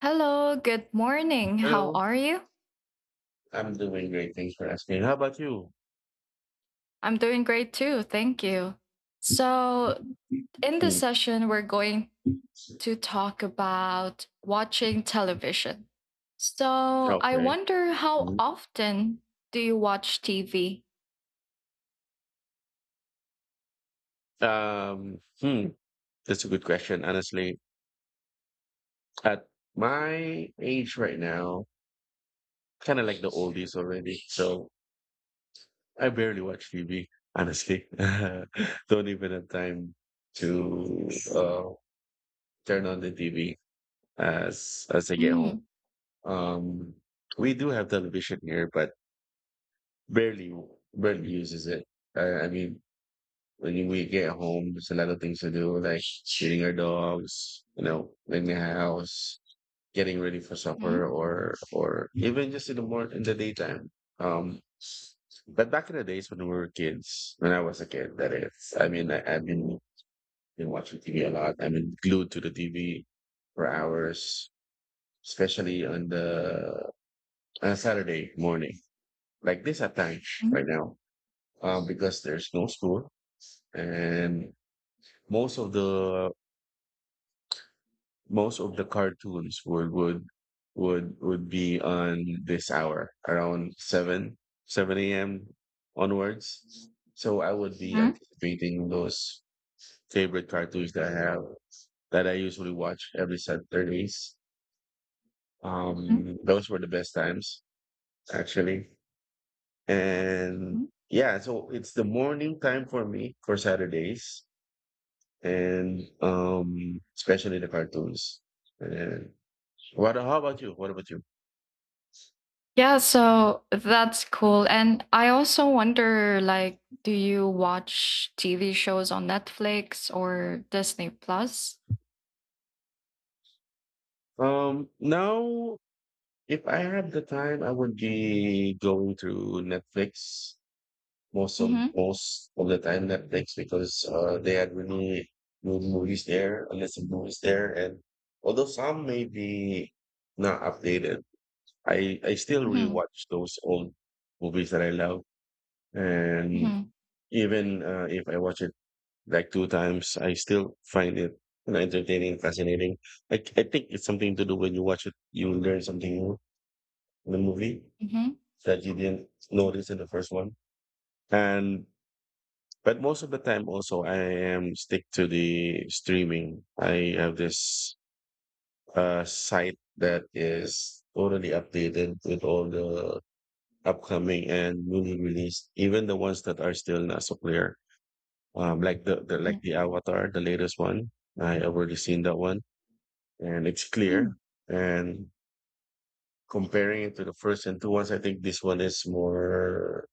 Hello, good morning. How Hello. are you? I'm doing great. Thanks for asking. How about you? I'm doing great too. Thank you. So, in this Hmm. session, we're going to talk about watching television. So, I Okay. wonder how Mhm. often do you watch TV? Hmm. That's a good question. Honestly, at my age right now, kind of like the oldies already. So I barely watch TV, honestly. Don't even have time to uh, turn on the TV as I get home. Mm. Um, we do have television here, but barely barely uses it. I mean, when we get home, there's a lot of things to do, like feeding our dogs, cleaning the house, getting ready for supper, Mhm. or even just in the morning, in the daytime. Um, but back in the days when we were kids, when I was a kid, that is, I mean, I've been watching TV a lot. I've been glued to the TV for hours, especially on Saturday morning, like this at time Mm. right now, because there's no school, and most of the most of the cartoons would be on this hour around 7 7 a.m onwards. So I would be Mhm. anticipating those favorite cartoons that I have, that I usually watch every Saturdays. Mhm. Those were the best times, actually. And Mhm. yeah, so it's the morning time for me for Saturdays, and especially the cartoons. And what about you? Yeah, so that's cool. And I also wonder like, do you watch TV shows on Netflix or Disney Plus? Now, if I had the time, I would be going to Netflix, most of Mm-hmm. most of the time Netflix, because they had really good movies there, a list of movies there. And although some may be not updated, I still rewatch those old movies that I love. And Mhm. even if I watch it like two times, I still find it entertaining, fascinating. I think it's something to do: when you watch it, you learn something new in the movie Mhm. that you didn't notice in the first one. And but most of the time also I am stick to the streaming. I have this site that is totally updated with all the upcoming and newly released, even the ones that are still not so clear. Like the, the like Mm. the Avatar, the latest one. I already seen that one, and it's clear. Mm. And comparing it to the first and two ones, I think this one is more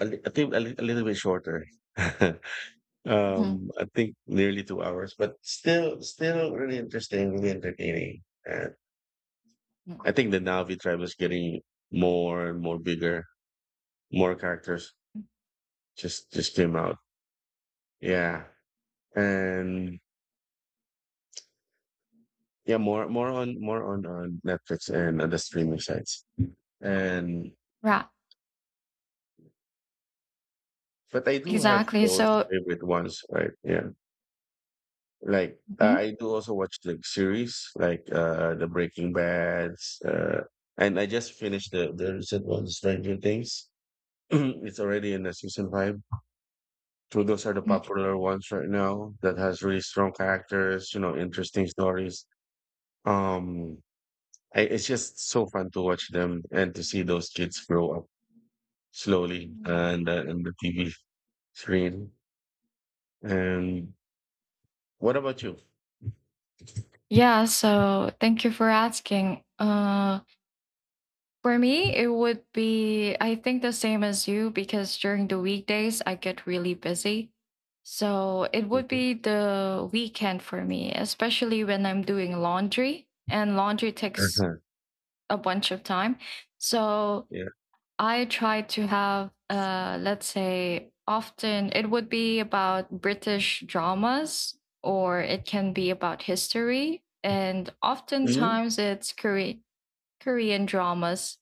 a little bit shorter. Mhm. I think nearly 2 hours, but still, still really interesting, really entertaining. And Mm. I think the Navi tribe is getting more and more bigger. More characters just came out. Yeah, and yeah, more on Netflix and other streaming sites. And Right, but I do have exactly. those So, favorite ones, right? Yeah. Like mhm. I do also watch like series, like the Breaking Bads, and I just finished the recent one, Stranger Things. It's already in the season 5. So those are the Mm. popular ones right now that has really strong characters, interesting stories. Um, it's just so fun to watch them and to see those kids grow up slowly Mm. and, in the TV screen. And what about you? Yeah, so thank you for asking. For me, it would be, I think, the same as you because during the weekdays, I get really busy. So it would Mhm. be the weekend for me, especially when I'm doing laundry, and laundry takes Uh-huh. a bunch of time. So, Yeah. I try to have, let's say, often it would be about British dramas, or it can be about history. And oftentimes it's Korean dramas,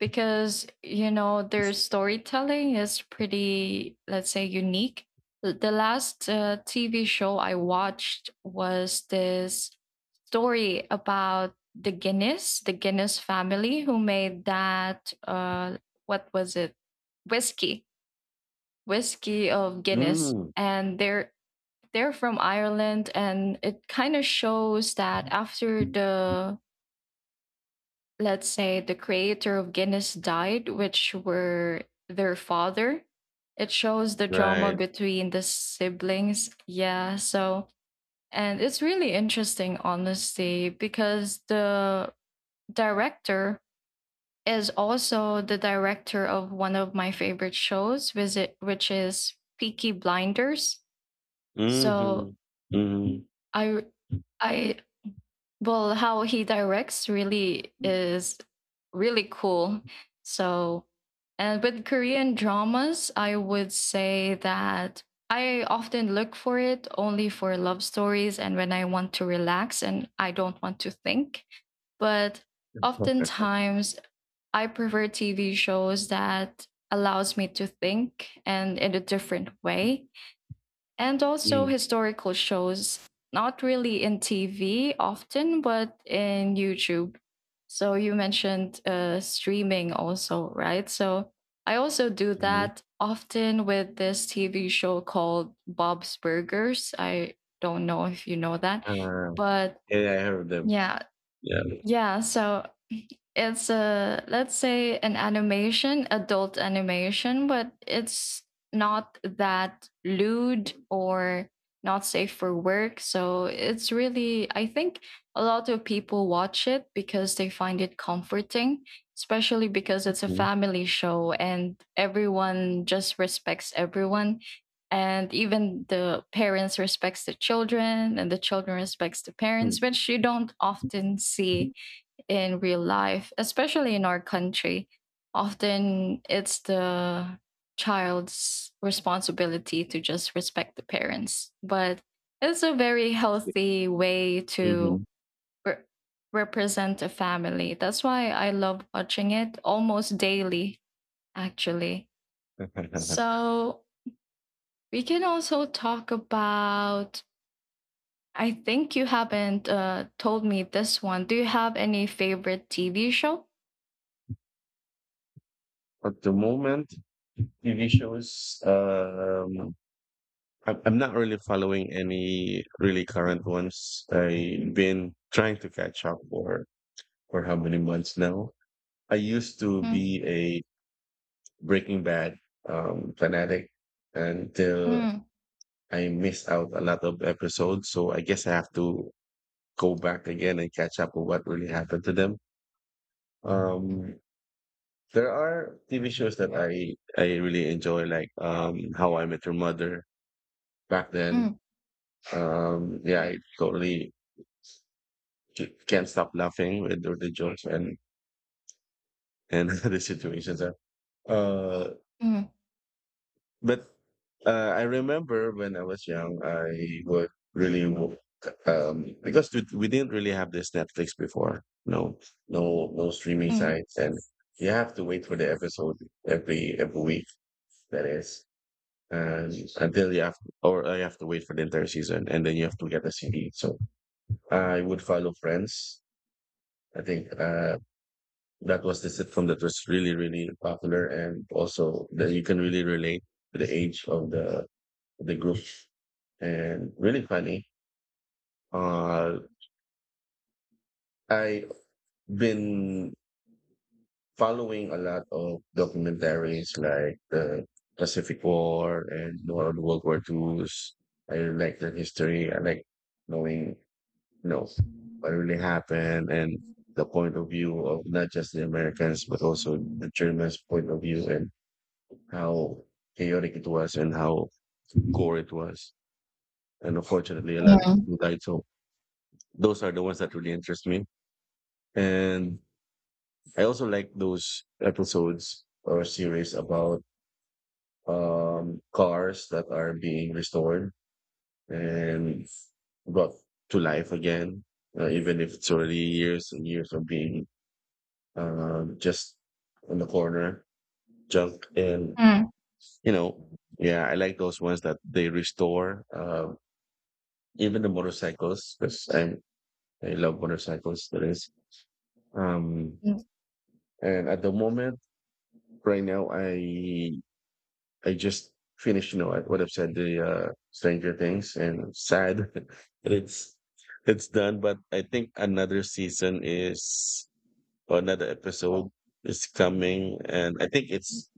because you know their storytelling is pretty, let's say, unique. The last TV show I watched was this story about the Guinness, family, who made that what was it? Whiskey of Guinness, Mm. and they're from Ireland, and it kind of shows that after the, let's say, the creator of Guinness died, which were their father. It shows the drama Right. between the siblings. Yeah, so, and it's really interesting, honestly, because the director is also the director of one of my favorite shows, which is Peaky Blinders. So, Mhm. Mhm. I I well how he directs really is really cool. So, and with Korean dramas, I would say that I often look for it only for love stories and when I want to relax and I don't want to think. But oftentimes I prefer TV shows that allows me to think, and in a different way. And also Mm, historical shows, not really in TV often, but in YouTube. So you mentioned streaming also, right? So I also do mhm. that often with this TV show called Bob's Burgers. I don't know if you know that, Ah, but yeah, I heard them. yeah, Yeah. yeah. So it's a, let's say, an animation, adult animation, but it's not that lewd or not safe for work. So it's really, I think, a lot of people watch it because they find it comforting, especially because it's a Mhm. family show and everyone just respects everyone, and even the parents respects the children and the children respects the parents, which you don't often see in real life, especially in our country. Often it's the child's responsibility to just respect the parents, but it's a very healthy way to Mhm. re- represent a family. That's why I love watching it almost daily, actually. So we can also talk about. I think you haven't, told me this one. Do you have any favorite TV show? At the moment, TV shows, I'm not really following any really current ones. I've been trying to catch up for how many months now. I used to Ừm. be a Breaking Bad fanatic, until Ừm. I missed out a lot of episodes, so I guess I have to go back again and catch up on what really happened to them. Ừm. Um, there are TV shows that I really enjoy, like How I Met Your Mother back then. Ừm. Yeah, I totally can't stop laughing with all the jokes and the situations. Uh, Ừm. But I remember when I was young, I would really, because we didn't really have this Netflix before. No, no, no streaming Ừm. sites, and you have to wait for the episode every week. That is, um, until you have, or I have to wait for the entire season, and then you have to get the CD. So I would follow Friends. I think that was the sitcom that was really really popular, and also that you can really relate to the age of the group, and really funny. Uh, I've been following a lot of documentaries, like the Pacific War, and all the World War Twos. I like the history. I like knowing, you know, what really happened, and the point of view of not just the Americans, but also the Germans' point of view, and how chaotic it was, and how gore it was. And unfortunately, a lot of Ừm. people died, so those are the ones that really interest me. And I also like those episodes or series about, cars that are being restored and brought to life again, even if it's already years and years of being, just on the corner, junk. And, you know, yeah, I like those ones that they restore, even the motorcycles, because I love motorcycles, that is. Um, Ừm. and at the moment, Right now, I just finished, I would have said, the Stranger Things, and sad that it's done. But I think another season is, or another episode is coming, and I think it's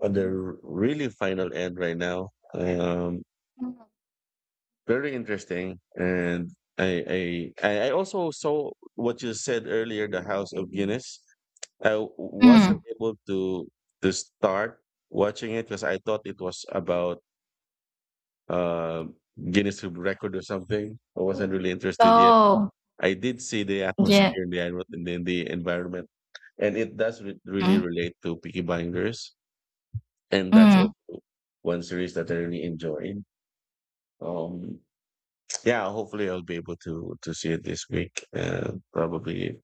on the really final end right now. Um, Ừm. Very interesting. And I also saw what you said earlier, the House of Guinness. I wasn't Ừm. able to start watching it, because I thought it was about, uh, Guinness World Record or something. I wasn't really interested yet. So I did see the yeah. atmosphere and the envi- and then the environment, and it does really Mm. relate to Peaky Blinders, and that's Mm. also one series that I really enjoyed. Um, yeah, hopefully I'll be able to see it this week. Probably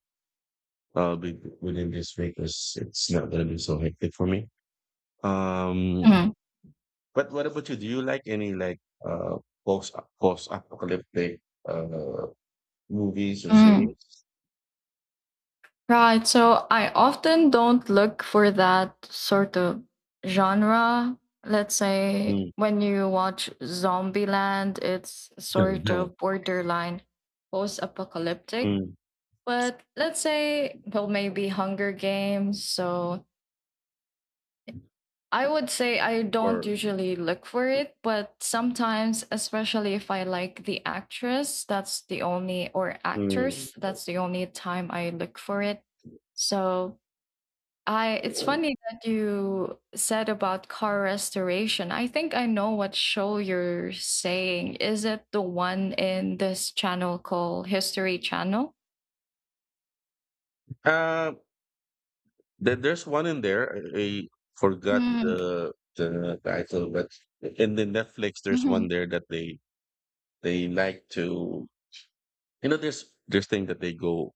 I'll be within this week, because it's not gonna be so hectic for me. Um, Mm. But what about you? Do you like any like uh post apocalyptic uh movies or Mm. series? Right, so I often don't look for that sort of genre. Let's say Mm. when you watch Zombieland, it's sort of borderline post-apocalyptic. Mm. But let's say, well, maybe Hunger Games. So I would say I don't Or usually look for it, but sometimes, especially if I like the actress, that's the only, or mm. actors, that's the only time I look for it. So it's funny that you said about car restoration. I think I know what show you're saying. Is it the one in this channel called History Channel? Uh, there's one in there. I forgot Mm-hmm. the title. But in the Netflix, there's one Mm. there that they like to, there's thing that they go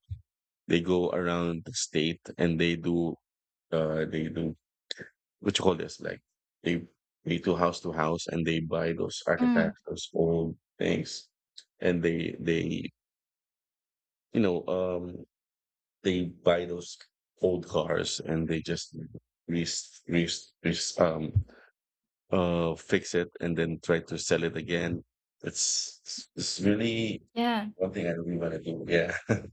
they go around the state, and they do what you call this? Like they they to house to house, and they buy those Mhm. Mm. artifacts, those old things, and they you know um they buy those old cars, and they just re, re, re, um fix it, and then try to sell it again. It's really Yeah. one thing I really want to do. Yeah.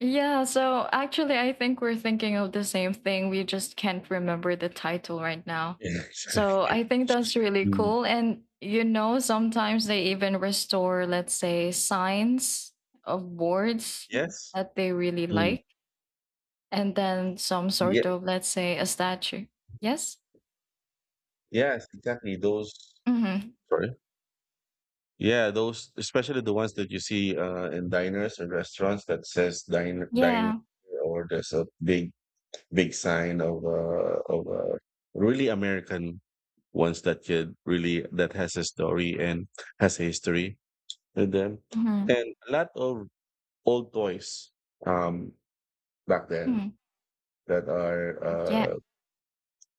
Yeah, so actually, I think we're thinking of the same thing. We just can't remember the title right now. Yeah. So Exactly. I think that's really Mm, cool. And, sometimes they even restore, let's say, signs of words yes. that they really Mm, like, and then some yeah. sort of, let's say, a statue. Yes? Yes. Exactly. Those. Mm-hmm. Sorry. Yeah, those, especially the ones that you see, in diners and restaurants, that says dine Yeah. here," or there's a big sign of really American ones, that could really, that has a story and has a history with them, Mm-hmm. and a lot of old toys, um back then, Mm. that are Yeah.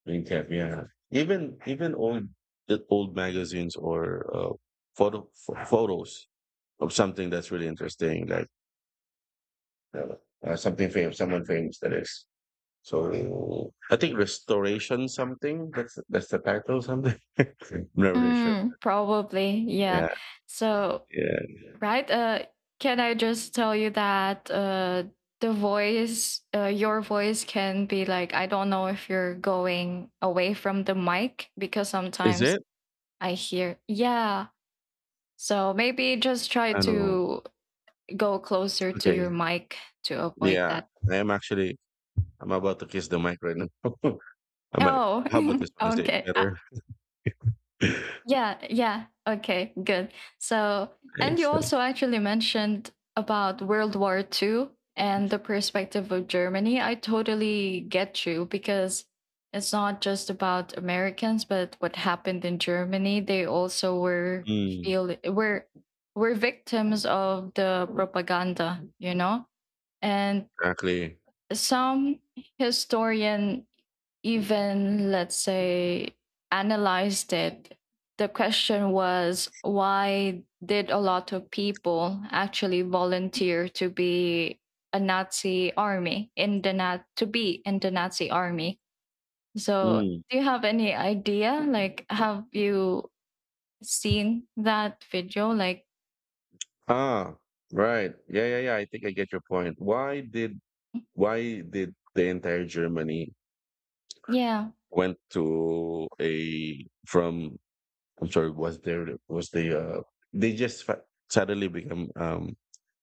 being kept, yeah. Even old, the old magazines, or photos of something that's really interesting, like uh, someone famous, that is. So I think restoration something. That's the title, something. I'm not really sure. Mm, probably. Yeah. Yeah, So, yeah. right? Can I just tell you that, your voice can be like, I don't know if you're going away from the mic, because Is sometimes it? I hear, yeah. So maybe just try I don't know. to go closer to your Okay. mic to avoid Yeah, that. I am actually. I'm about to kiss the mic right now. I might. Oh, How about this one? Is it okay. better? Yeah, yeah. Okay, good. So, and you Thanks. Thanks. also actually mentioned about World War Two and the perspective of Germany. I totally get you because it's not just about Americans, but what happened in Germany. They also were Mm, feel were victims of the propaganda, you know? And exactly. some historian even, let's say, analyzed it. The question was, why did a lot of people actually volunteer to be a Nazi army in the nat to be in the Nazi army? So, Mm. do you have any idea, like, have you seen that video, like, Ah, right. Yeah, yeah, yeah. I think I get your point. Why did the entire Germany yeah? went to a, from, I'm sorry, was there, was the, they just suddenly become,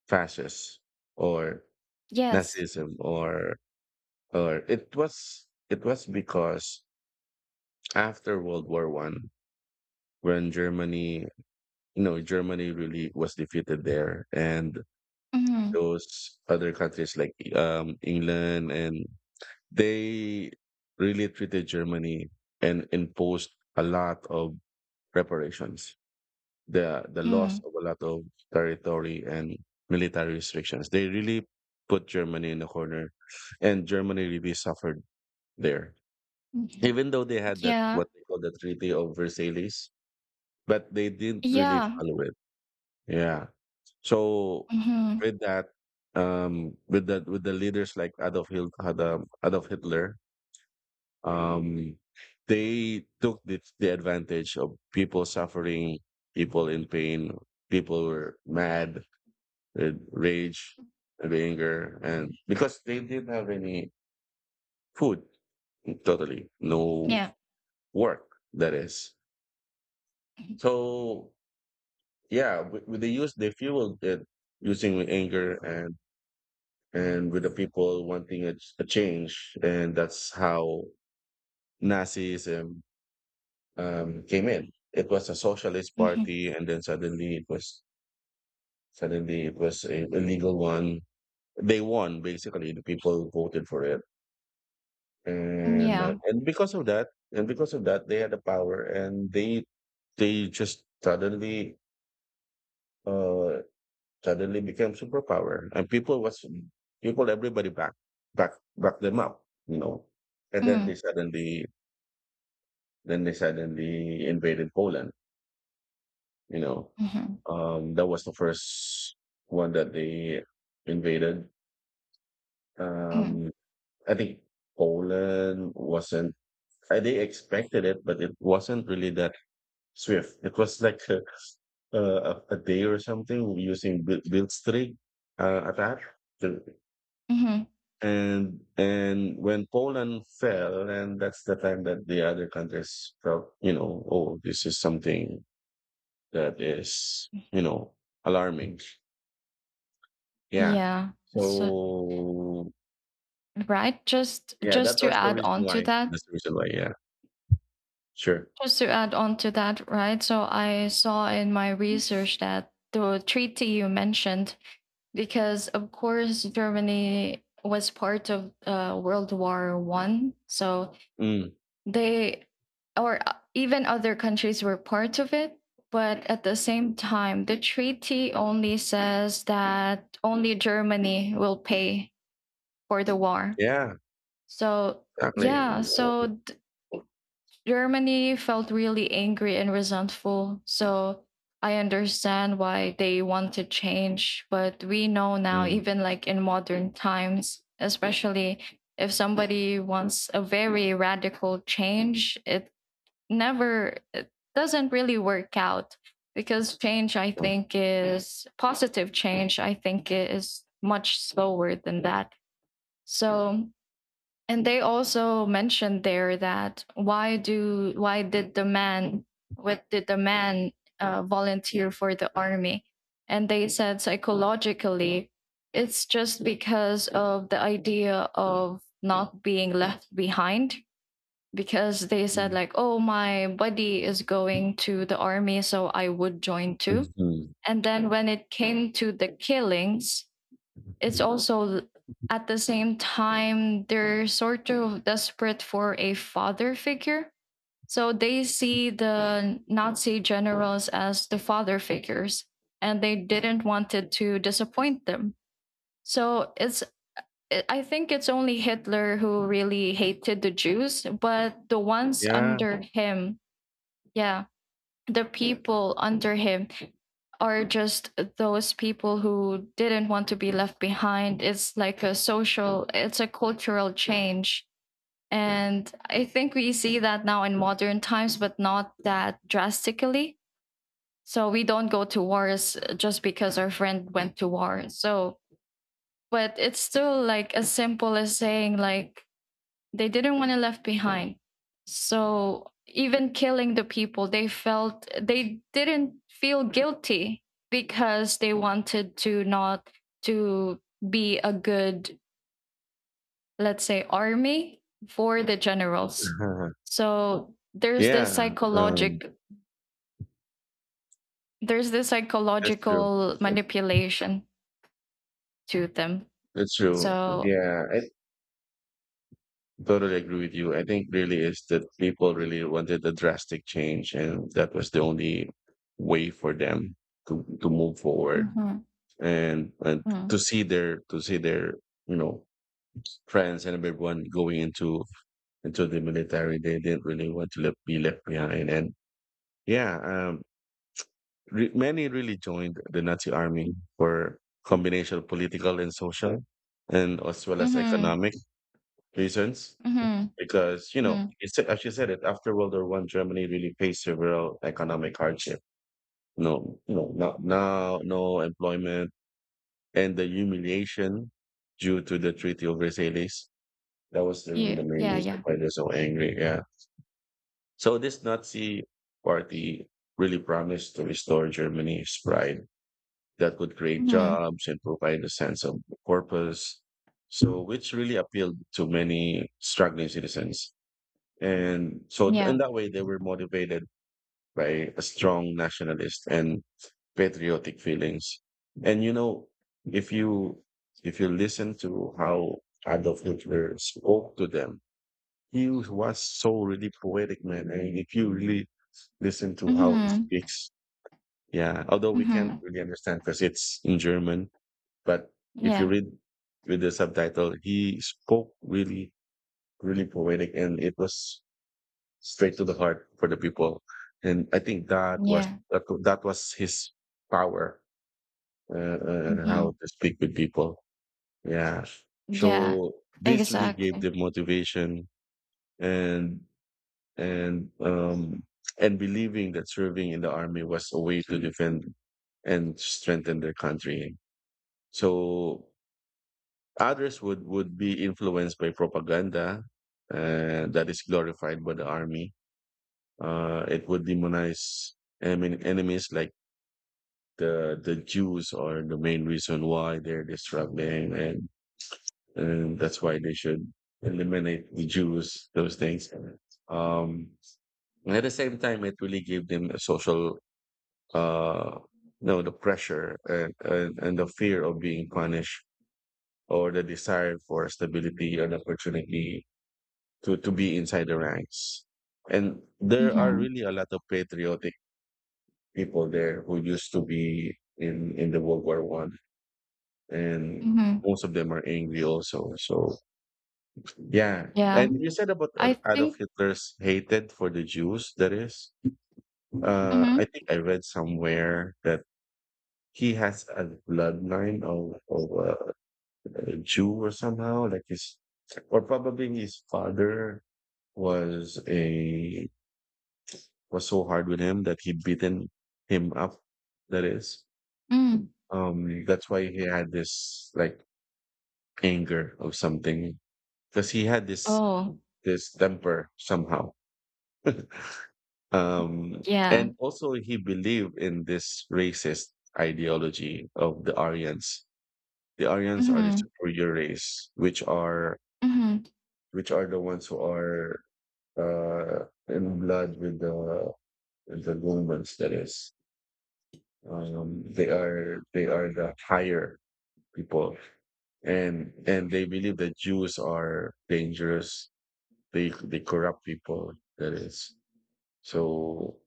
fascist, or Yes. Nazism? Or it was because, after World War I, when Germany you know Germany really was defeated there, and Mm-hmm. those other countries like, England, and they really treated Germany, and imposed a lot of reparations, the Mm-hmm. loss of a lot of territory, and military restrictions. They really put Germany in a corner, and Germany really suffered there. Mm-hmm. Even though they had that Yeah. what they call the Treaty of Versailles, but they didn't really Yeah. follow it. Yeah. So Mm-hmm. with that, with the leaders like Adolf Hitler, um, they took the advantage of people suffering, people in pain, people were mad, with rage, with anger, and because they didn't have any food, totally no Yeah. work. That is Mm-hmm. so. Yeah, with the use they fueled it, using with anger, and with the people wanting a change, and that's how Nazism, came in. It was a socialist Mm-hmm. party, and then suddenly it was a legal one. They won basically. The people who voted for it Yeah. and because of that they had the power, and they just uh suddenly became superpower, and people everybody back them up, you know. And then they Mm. suddenly then they suddenly invaded Poland, you know. Mhm. That was the first one that they invaded. um Mm. i think Poland wasn't, they expected it, but it wasn't really that swift. It was like a day or something, using Blitzkrieg attack. The- Mhm. And when Poland fell, and that's the time that the other countries felt, you know, oh, this is something that is, alarming. Yeah. Yeah. So, So right. Just yeah, just that to was the add reason on to why. that. That's the reason why. Yeah. Sure. Just to add on to that, right? So I saw in my research that the treaty you mentioned, because of course Germany was part of, World War One, so Mm, they or even other countries were part of it. But at the same time, the treaty only says that only Germany will pay for the war. yeah. So, Exactly. yeah, so Germany felt really angry and resentful. So, I understand why they want to change, but we know now, Mm, even like in modern times, especially if somebody wants a very radical change, it never, it doesn't really work out, because change, I mm, think, is, positive change, I think, is much slower than that. So, and they also mentioned there that why did the man, what did the man volunteer for the army? And they said, psychologically, it's just because of the idea of not being left behind. Because they said mm, like, oh, my buddy is going to the army, so I would join too. mhm. And then when it came to the killings, it's also at the same time they're sort of desperate for a father figure, so they see the Nazi generals as the father figures, and they didn't want it to disappoint them. So it's, I think it's only Hitler who really hated the Jews, but the ones Yeah. under him, yeah, the people under him are just those people who didn't want to be left behind. It's like a social, it's a cultural change. And I think we see that now in modern times, but not that drastically. So we don't go to wars just because our friend went to war. So, but it's still like as simple as saying, like, they didn't want to left behind. So even killing the people, they didn't feel guilty, because they wanted to not to be a good, let's say, army for the generals. So there's this Yeah, um, psychologic there's this that's true. psychological That's true. manipulation to them. That's true. So, Yeah, I totally agree with you. I think really is that people really wanted a drastic change, and that was the only way for them to move forward mhm. and Mhm. to see their you know friends and everyone going into the military. They didn't really want to be left behind, and yeah, many really joined the Nazi army for combination of political and social, and as well as Mhm. economic reasons. Mhm. Because you know, Mhm. it's, as you said, it after World War One, Germany really faced several economic hardship. No, no, not now, no employment, and the humiliation due to the Treaty of Versailles. That was really Yeah, the main yeah, reason yeah. why they're so angry. Yeah. So this Nazi party really promised to restore Germany's pride that would create Mhm. jobs and provide a sense of purpose. So, which really appealed to many struggling citizens. And so, in Yeah. that way, they were motivated by a strong nationalist and patriotic feelings. And you know, if you if you listen to how Adolf Hitler spoke to them, he was so really poetic, man. And if you really listen to how he Mhm. speaks, yeah, although we can't Mhm. really understand because it's in German, but if you Yeah. read with the subtitle, he spoke really, really poetic, and it was straight to the heart for the people. And I think Yeah. That was his power, how Mhm. to speak with people. Yeah. Yeah. So this really gave Exactly. them motivation and, and and believing that serving in the army was a way to defend and strengthen their country. So others would be influenced by propaganda that is glorified by the army. It would demonize enemies, like the Jews are the main reason why they're struggling, and that's why they should eliminate the Jews, those things. Um, and at the same time, it really gave them a social, uh, you know, the pressure, and, the fear of being punished, or the desire for stability and opportunity to be inside the ranks. And there are Mhm. really a lot of patriotic people there who used to be in the World War One, and Mhm. most of them are angry also. So yeah, Yeah. and you said about I Adolf think. Hitler's hated for the Jews. That is, I Mhm. think I read somewhere that he has a bloodline of a Jew, or somehow like his, or probably his father was a was so hard with him that he beaten him up. That is, Mm. That's why he had this like anger of something, because he had Oh, this temper somehow. um, yeah. and also he believed in this racist ideology of the Aryans. The Aryans are the Mhm. superior race, which are Mhm. The ones who are in blood with the Romans. That is. They are the higher people, and they believe that Jews are dangerous. They corrupt people. That is so.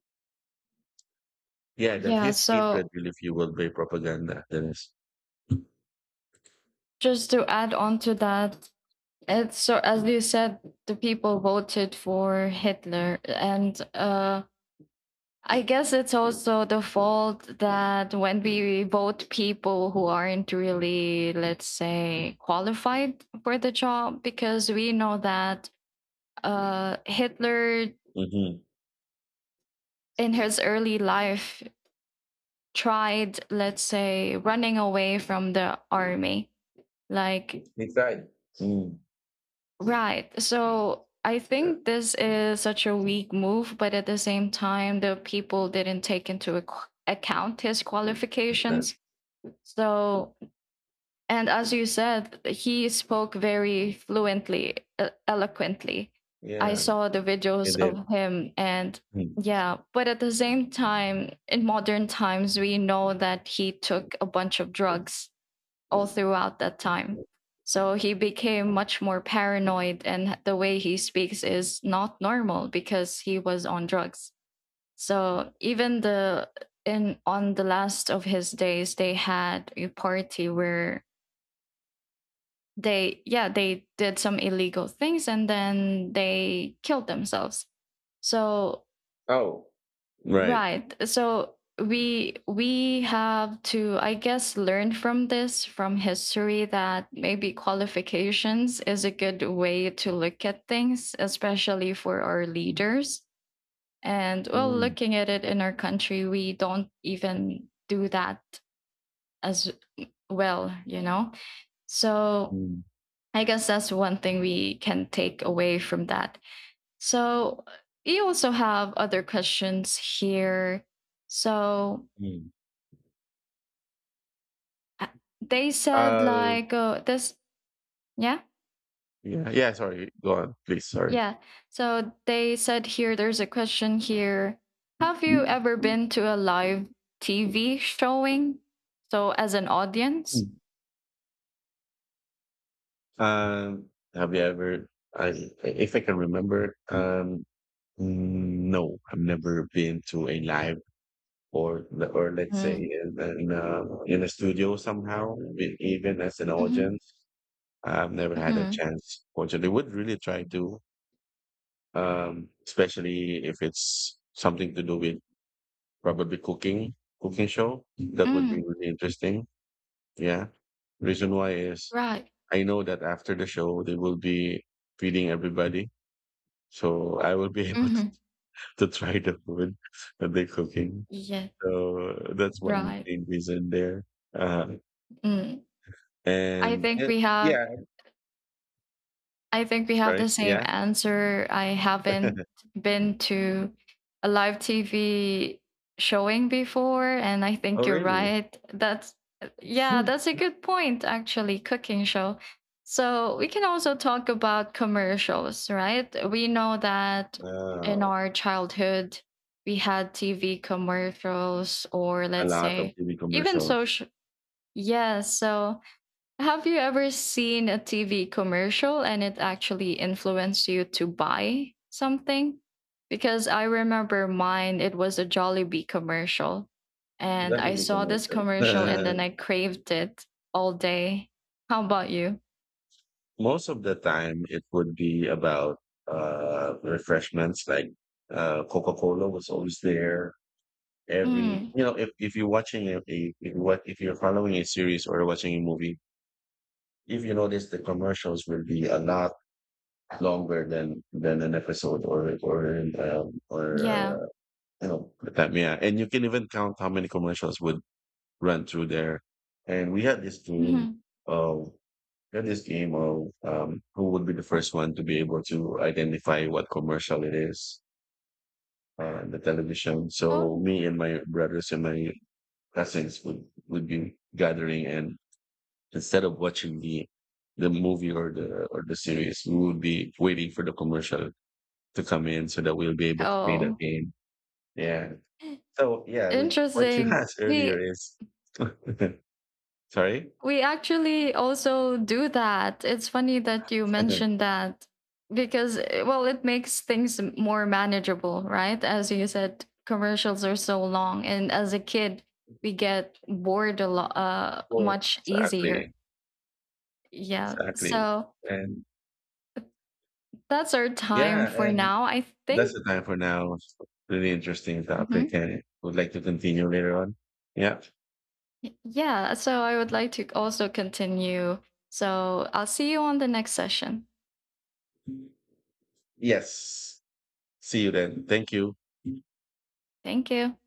Yeah, that Yeah, his hatred so will, if you will, be propaganda. That is. just to add on to that, it's, so as you said, the people voted for Hitler, and I guess it's also the fault that when we vote people who aren't really, let's say, qualified for the job, because we know that, Hitler Mm-hmm. in his early life tried, let's say, running away from the army. Like, He tried. Mm. right. So I Yeah, think this is such a weak move, but at the same time, the people didn't take into account his like qualifications. So, and as you said, he spoke very fluently, eloquently. I yeah, saw the videos and then. of him, and Mm. yeah, but at the same time, in modern times, we know that he took a bunch of drugs all throughout that time. So he became much more paranoid, and the way he speaks is not normal because he was on drugs. So even the in on the last of his days, they had a party where they did some illegal things, and then they killed themselves. So, Oh, right. right, so we have to, I guess, learn from this, from history, that maybe qualifications is a good way to look at things, especially for our leaders. And, well, Mm, looking at it in our country, we don't even do that as well, so mm, I guess that's one thing we can take away from that. So you also have other questions here. So, mm. uh, they said Uh, like, oh, this, yeah, yeah, yeah. Sorry, go on, please. Sorry. yeah. So they said here, there's a question here. Have you ever been to a live TV showing? So, as an audience? Mm. Have you ever? I, if I can remember, no, I've never been to a live, or or let's say Mm. in in a studio somehow, even as an Hmm. audience. I've never had a Hmm. chance. Fortunately, would really try to, especially if it's something to do with probably cooking show. That would Mm. be really interesting. Yeah. Reason why is Right. I know that after the show, they will be feeding everybody, so I will be able Hmm. to try the food that they're cooking. Yeah. So that's one Right. main reason there. Uh, Mm. I and think eh, we have yeah, I think we have sorry. the same Yeah. answer. I haven't been to a live TV showing before, and I Oh, think you're really? right. That's Yeah, that's a good point, actually, cooking show. So we can also talk about commercials, right? We know that Hmm. in Wow. our childhood we had TV commercials, or A let's lot of say TV even commercials. social, yes, so have you ever seen a TV commercial and it actually influenced you to buy something? Because I remember mine, it was a Jollibee commercial. And I Definitely saw this commercial. commercial and then I craved it all day. How about you? Most of the time, it would be about refreshments, like Coca-Cola was always there. Every, Mm, you know, if you're watching a if what if you're following a series or watching a movie, if you notice the commercials will be a lot longer than an episode or yeah. You know the time, yeah, and you can even count how many commercials would run through there. And we had this game Mhm. of who would be the first one to be able to identify what commercial it is on the television. So Oh, me and my brothers and my cousins would be gathering, and instead of watching the movie or the series, we will be waiting for the commercial to come in so that we'll be able to play that oh, game. Yeah. So yeah, we, what you interesting. asked earlier We is sorry. We actually also do that. It's funny that you mentioned that because, well, it makes things more manageable, right? As you said, commercials are so long. And as a kid, we get bored, a lot Or- much easier. exactly, Yeah. exactly, So and that's our time yeah, for and now, I that's think. the time for now. It's a really interesting topic, Mhm. and would like to continue later on. Yeah. Yeah. So I would like to also continue. So I'll see you on the next session. Yes. See you then. Thank you. Thank you.